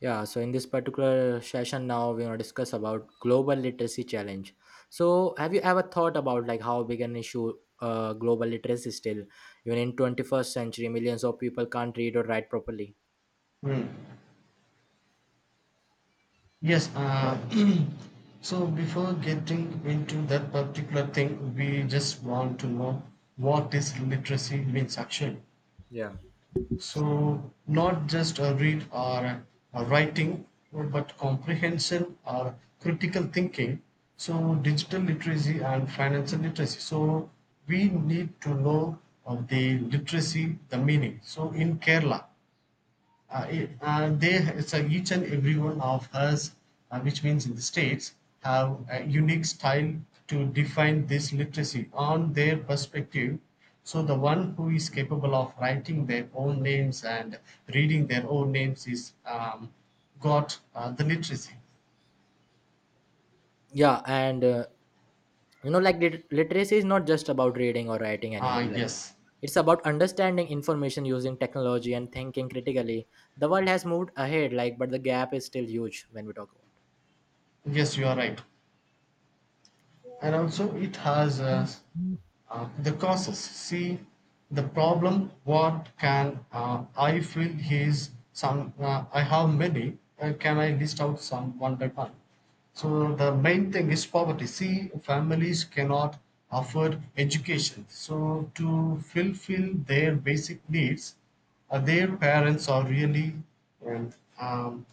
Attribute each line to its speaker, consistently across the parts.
Speaker 1: Yeah, so in this particular session now we're gonna discuss about global literacy challenge. So have you ever thought about how big an issue global literacy is still? Even in 21st century, millions of people can't read or write properly.
Speaker 2: Mm. Yes. So before getting into that particular thing, we just want to know what is literacy means actually.
Speaker 1: Yeah.
Speaker 2: So not just a read or a writing, but comprehension or critical thinking. So digital literacy and financial literacy. So we need to know of the literacy, the meaning. So in Kerala, it, they it's a, each and every one of us, which means in the states, have a unique style to define this literacy on their perspective. So the one who is capable of writing their own names and reading their own names is got the literacy.
Speaker 1: Yeah, and you know like literacy is not just about reading or writing
Speaker 2: ah
Speaker 1: anymore. Like
Speaker 2: yes
Speaker 1: it's about understanding information using technology and thinking critically. The world has moved ahead, like but the gap is still huge when we talk about.
Speaker 2: yes, you are right, and also it has the causes. See, the problem what can I feel is some, I have many. Can I list out some one by one? So the main thing is poverty. See, families cannot afford education, so to fulfill their basic needs, their parents are really um, um,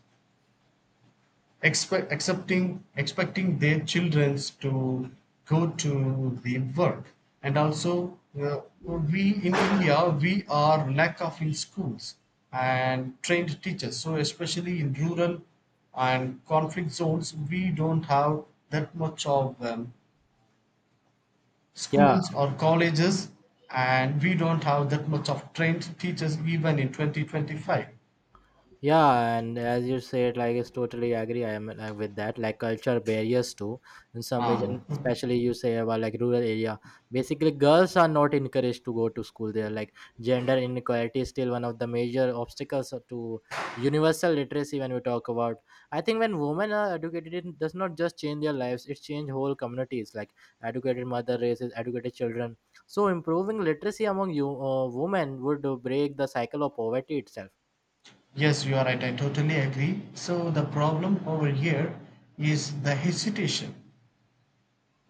Speaker 2: expecting their children to go to the work. And also, we in India, we are lack of in schools and trained teachers, so especially in rural and conflict zones, we don't have that much of
Speaker 1: Yeah.
Speaker 2: schools or colleges, and we don't have that much of trained teachers even in 2025.
Speaker 1: Yeah, and as you said, like it's totally agree. I am like with that. Like culture barriers too in some region,
Speaker 2: Ah.
Speaker 1: especially you say about like rural area. Basically, girls are not encouraged to go to school there. Like gender inequality is still one of the major obstacles to universal literacy. When we talk about, I think when women are educated, it does not just change their lives; it change whole communities. Like educated mother raises educated children. So improving literacy among you women would break the cycle of poverty itself.
Speaker 2: Yes, you are right. I totally agree. So the problem over here is the hesitation.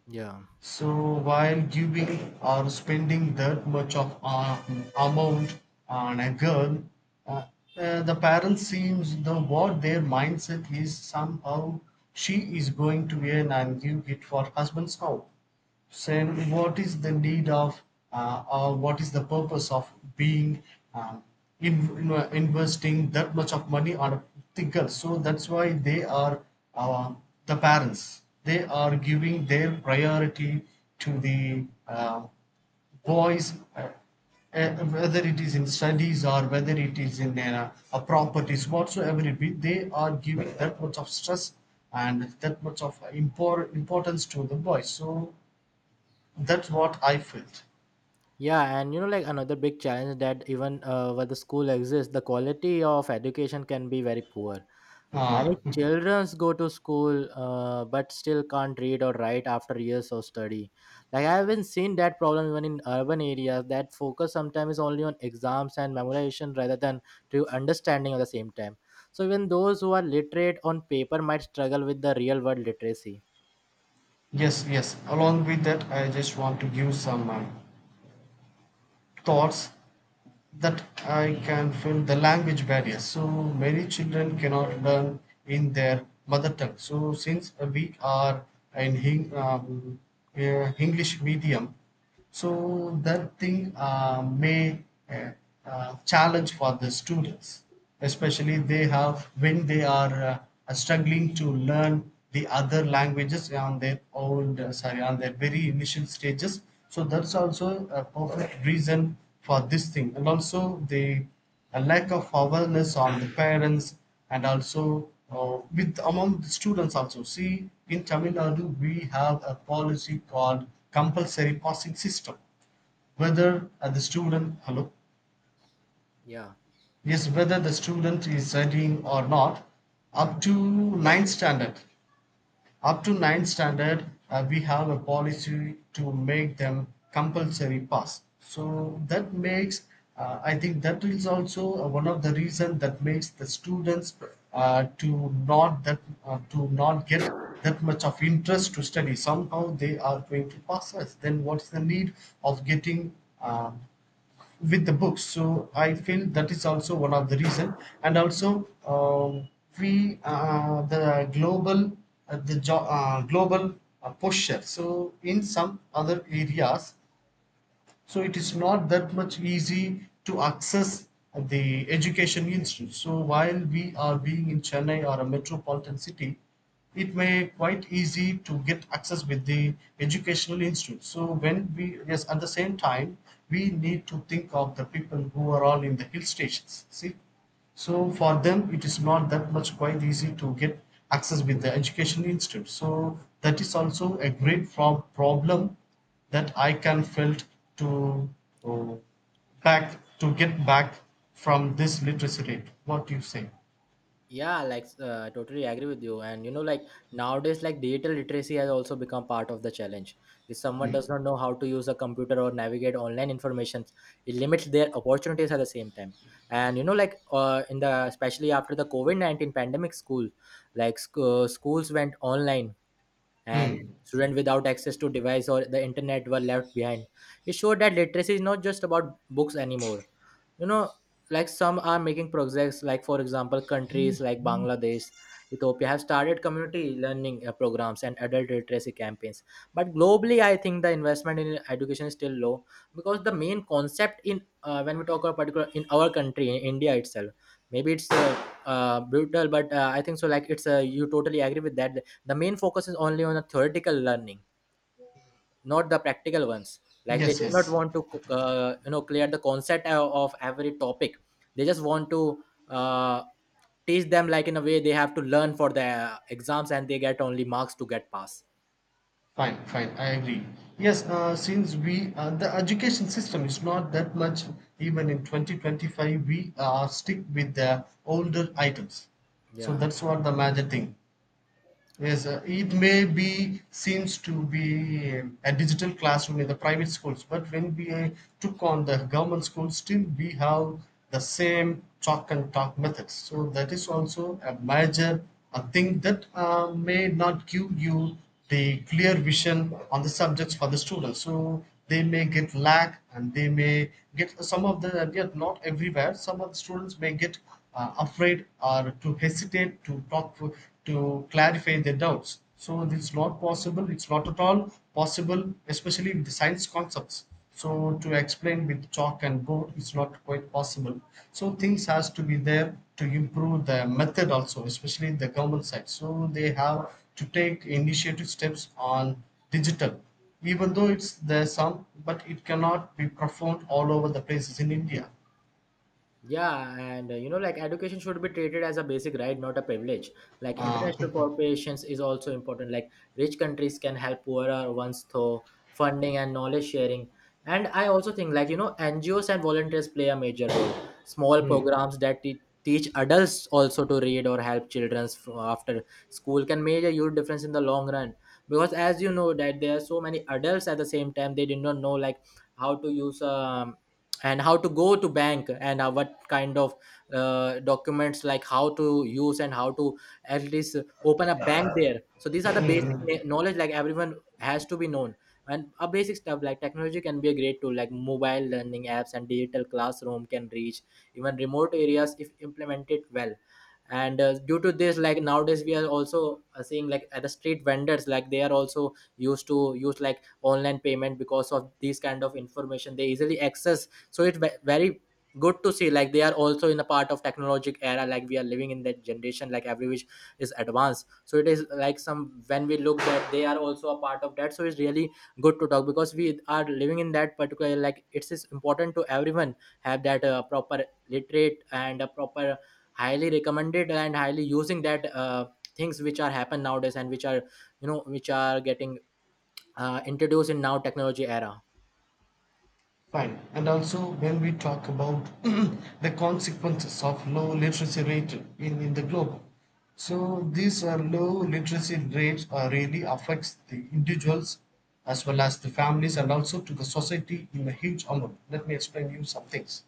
Speaker 1: Yeah.
Speaker 2: So while giving or spending that much of amount on a girl, uh, the parent seems, the what their mindset is, somehow she is going to earn and give it for husband's, now saying what is the need of, or what is the purpose of being um, investing that much of money on a particular. So that's why they are, uh, the parents, they are giving their priority to the boys, whether it is in studies or whether it is in a properties, whatsoever it be, they are giving that much of stress and that much of importance to the boys. So that's what I felt.
Speaker 1: Yeah, and you know, like another big challenge that even where the school exists, the quality of education can be very poor. Many
Speaker 2: Ah.
Speaker 1: children go to school but still can't read or write after years of study. Like I haven't seen that problem even in urban areas. That focus sometimes is only on exams and memorization rather than true understanding at the same time. So even those who are literate on paper might struggle with the real world literacy.
Speaker 2: Yes, yes. Along with that, I just want to give some thoughts that I can feel the language barrier. So many children cannot learn in their mother tongue. So since we are in English medium, so that thing may uh, challenge for the students, especially they have when they are struggling to learn the other languages on their own, sorry, on their very initial stages. So that's also a perfect reason for this thing, and also they a lack of awareness on the parents and also with among the students also. See, in Tamil Nadu we have a policy called compulsory passing system. Whether the student, hello,
Speaker 1: Yeah.
Speaker 2: yes, whether the student is studying or not up to ninth standard, up to ninth standard, we have a policy to make them compulsory pass. So that makes, I think that is also one of the reason that makes the students uh, to not that to not get that much of interest to study. Somehow they are going to pass us, then what's the need of getting uh, with the books. So I feel that is also one of the reason. And also, we the global, global posture, so in some other areas, so it is not that much easy to access the education institute. So while we are being in Chennai or a metropolitan city, it may quite easy to get access with the educational institute. So when we, yes, at the same time, we need to think of the people who are all in the hill stations. See, so for them, it is not that much quite easy to get access with the education institute. So that is also a great problem that I can felt to uh, back to get back from this literacy rate. What do you say?
Speaker 1: Yeah, like I totally agree with you. And you know, like nowadays, like digital literacy has also become part of the challenge. If someone does not know how to use a computer or navigate online information, it limits their opportunities at the same time. And you know, like in the especially after the COVID 19 pandemic, like schools went online, and
Speaker 2: Hmm.
Speaker 1: students without access to device or the internet were left behind. It showed that literacy is not just about books anymore, you know. Like some are making progress, like for example countries like Bangladesh, Ethiopia have started community learning programs and adult literacy campaigns, but globally I think the investment in education is still low, because the main concept in when we talk about particular in our country in India itself, maybe it's brutal, but I think so, like it's you totally agree with that. The main focus is only on the theoretical learning, not the practical ones. Like they
Speaker 2: Yes,
Speaker 1: do not
Speaker 2: yes.
Speaker 1: want to you know, clear the concept of every topic. They just want to uh, teach them like in a way they have to learn for the exams, and they get only marks to get pass.
Speaker 2: Fine, fine. I agree. Yes, since we the education system is not that much, even in 2025, we stick with the older items. So
Speaker 1: Yeah.
Speaker 2: that's what the major thing. Yes, it may be seems to be a digital classroom in the private schools, but when we took on the government schools, still we have the same chalk and talk methods. So that is also a major a thing that may not give you the clear vision on the subjects for the students, so they may get lack and they may get some of the, and yet not everywhere, some of the students may get afraid or to hesitate to talk to clarify their doubts. So it's not possible, it's not at all possible, especially with the science concepts. So to explain with chalk and board is not quite possible. So things has to be there to improve the method also, especially in the government side. So they have to take initiative steps on digital. Even though it's there some, but it cannot be performed all over the places in India.
Speaker 1: Yeah, and you know, like education should be treated as a basic right, not a privilege. Like
Speaker 2: uh,
Speaker 1: international corporations is also important. Like rich countries can help poorer ones through funding and knowledge sharing. And I also think, like you know, NGOs and volunteers play a major role. Small
Speaker 2: mm,
Speaker 1: programs that teach adults also to read or help children after school can make a huge difference in the long run. Because as you know, that there are so many adults at the same time, they did not know like how to use and how to go to bank, and what kind of documents, like how to use and how to at least open a bank there. So these are the basic
Speaker 2: mm,
Speaker 1: knowledge, like everyone has to be known. And a basic stuff like technology can be a great tool, like mobile learning apps and digital classroom can reach even remote areas if implemented well. And due to this, like nowadays we are also seeing like at the street vendors, like they are also used to use like online payment, because of these kind of information they easily access. So it's very good to see like they are also in a part of technologic era, like we are living in that generation, like every which is advanced. So it is like some, when we look that they are also a part of that, so it's really good to talk because we are living in that particular, like it is important to everyone have that proper literate and a proper highly recommended and highly using that things which are happen nowadays and which are you know which are getting introduced in now technology era.
Speaker 2: Fine. And also, when we talk about the consequences of low literacy rate in the globe, so these are low literacy rates are really affects the individuals as well as the families and also to the society in a huge amount. Let me explain you some things.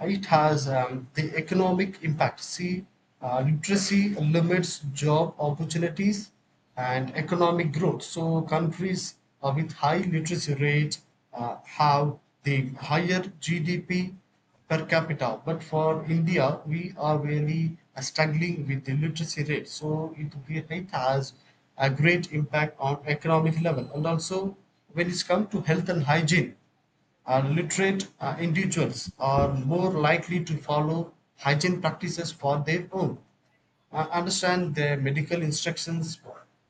Speaker 2: It has the economic impact. See, literacy limits job opportunities and economic growth. So, countries with high literacy rate have the higher GDP per capita. But for India, we are really struggling with the literacy rate. So, it has a great impact on economic level. And also, when it's come to health and hygiene, and literate individuals are more likely to follow hygiene practices for their own, understand the medical instructions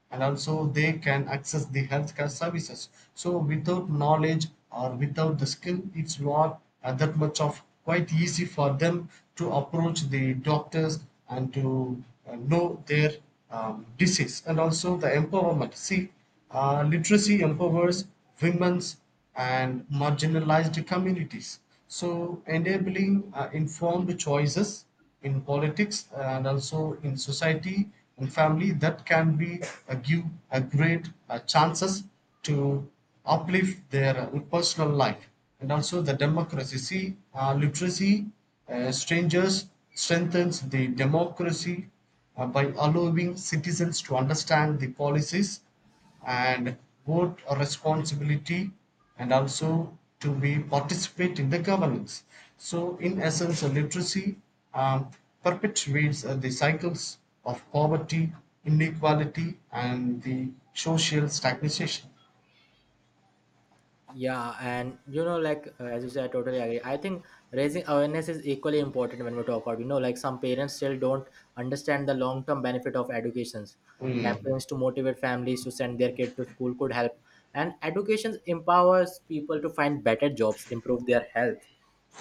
Speaker 2: and also they can access the healthcare services. So without knowledge or without the skill, it's not that much of quite easy for them to approach the doctors and to know their disease. And also the empowerment. See, literacy empowers women's and marginalized communities, so enabling informed choices in politics and also in society and family, that can be give a great chances to uplift their personal life. And also the democracy. See, literacy strangers strengthens the democracy by allowing citizens to understand the policies and both a responsibility and also to be participate in the governance. So in essence, a literacy um, perpetuates the cycles of poverty, inequality, and the social stagnation.
Speaker 1: Yeah, and you know, like as you said, I totally agree. I think raising awareness is equally important when we talk about, you know, like some parents still don't understand the long-term benefit of educations.
Speaker 2: Mm,
Speaker 1: Campaigns to motivate families to send their kid to school could help, and education empowers people to find better jobs, improve their health,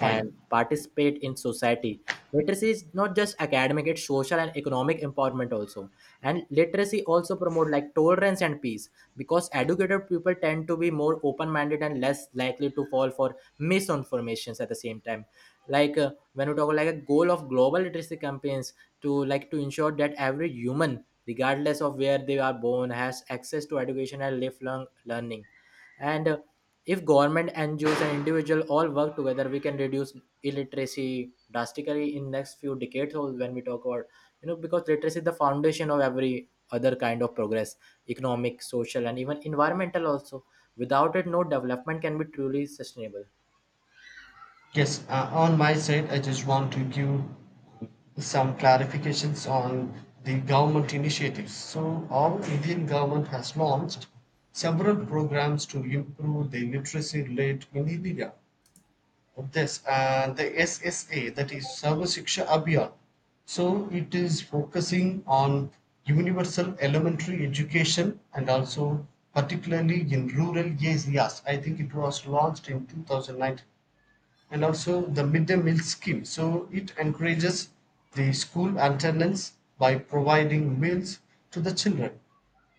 Speaker 1: and participate in society. Literacy is not just academic; it's social and economic empowerment also. And literacy also promote like tolerance and peace, because educated people tend to be more open-minded and less likely to fall for misinformations at the same time. Like when we talk like a goal of global literacy campaigns to like to ensure that every human regardless of where they are born has access to education and lifelong learning. And if government, NGOs and individual all work together, we can reduce illiteracy drastically in next few decades. Or when we talk about, you know, because literacy is the foundation of every other kind of progress: economic, social, and even environmental also. Without it, no development can be truly sustainable.
Speaker 2: Yes, on my side, I just want to give some clarifications on the government initiatives. So, our Indian government has launched several programs to improve the literacy rate in India. Of this and the SSA, that is Sarvashiksha Abhiyan. So, it is focusing on universal elementary education and also particularly in rural areas. I think it was launched in 2019. And also the midday meal scheme. So it encourages the school attendance by providing meals to the children.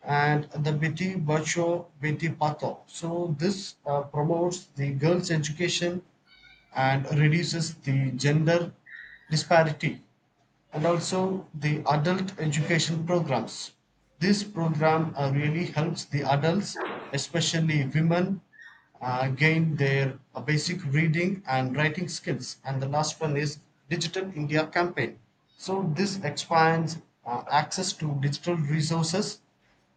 Speaker 2: And the Beti Bacho Beti Pato, so this promotes the girls' education and reduces the gender disparity. And also the adult education programs. This program really helps the adults, especially women, gain their basic reading and writing skills. And the last one is Digital India campaign. So this expands access to digital resources,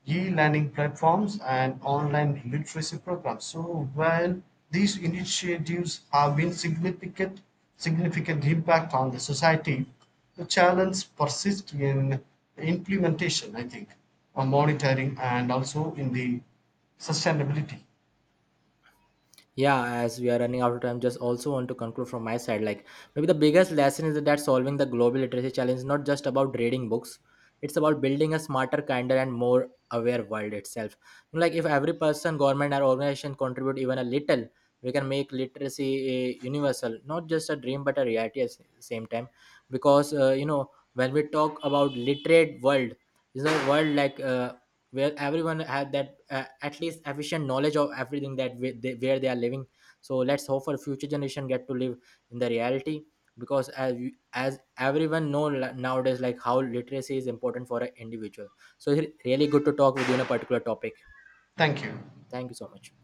Speaker 2: E-learning platforms and online literacy programs. So while these initiatives have been significant impact on the society, the challenge persists in implementation, I think, on monitoring and also in the sustainability.
Speaker 1: Yeah, as we are running out of time, just also want to conclude from my side, like maybe the biggest lesson is that solving the global literacy challenge is not just about reading books, it's about building a smarter, kinder and more aware world itself. Like if every person, government or organization contribute even a little, we can make literacy a universal, not just a dream but a reality at the same time. Because you know, when we talk about literate world is a world where everyone had that at least efficient knowledge of everything that where they are living. So let's hope for future generation get to live in the reality. Because as everyone know nowadays, like how literacy is important for an individual. So it's really good to talk with you on a particular topic.
Speaker 2: Thank you.
Speaker 1: Thank you so much.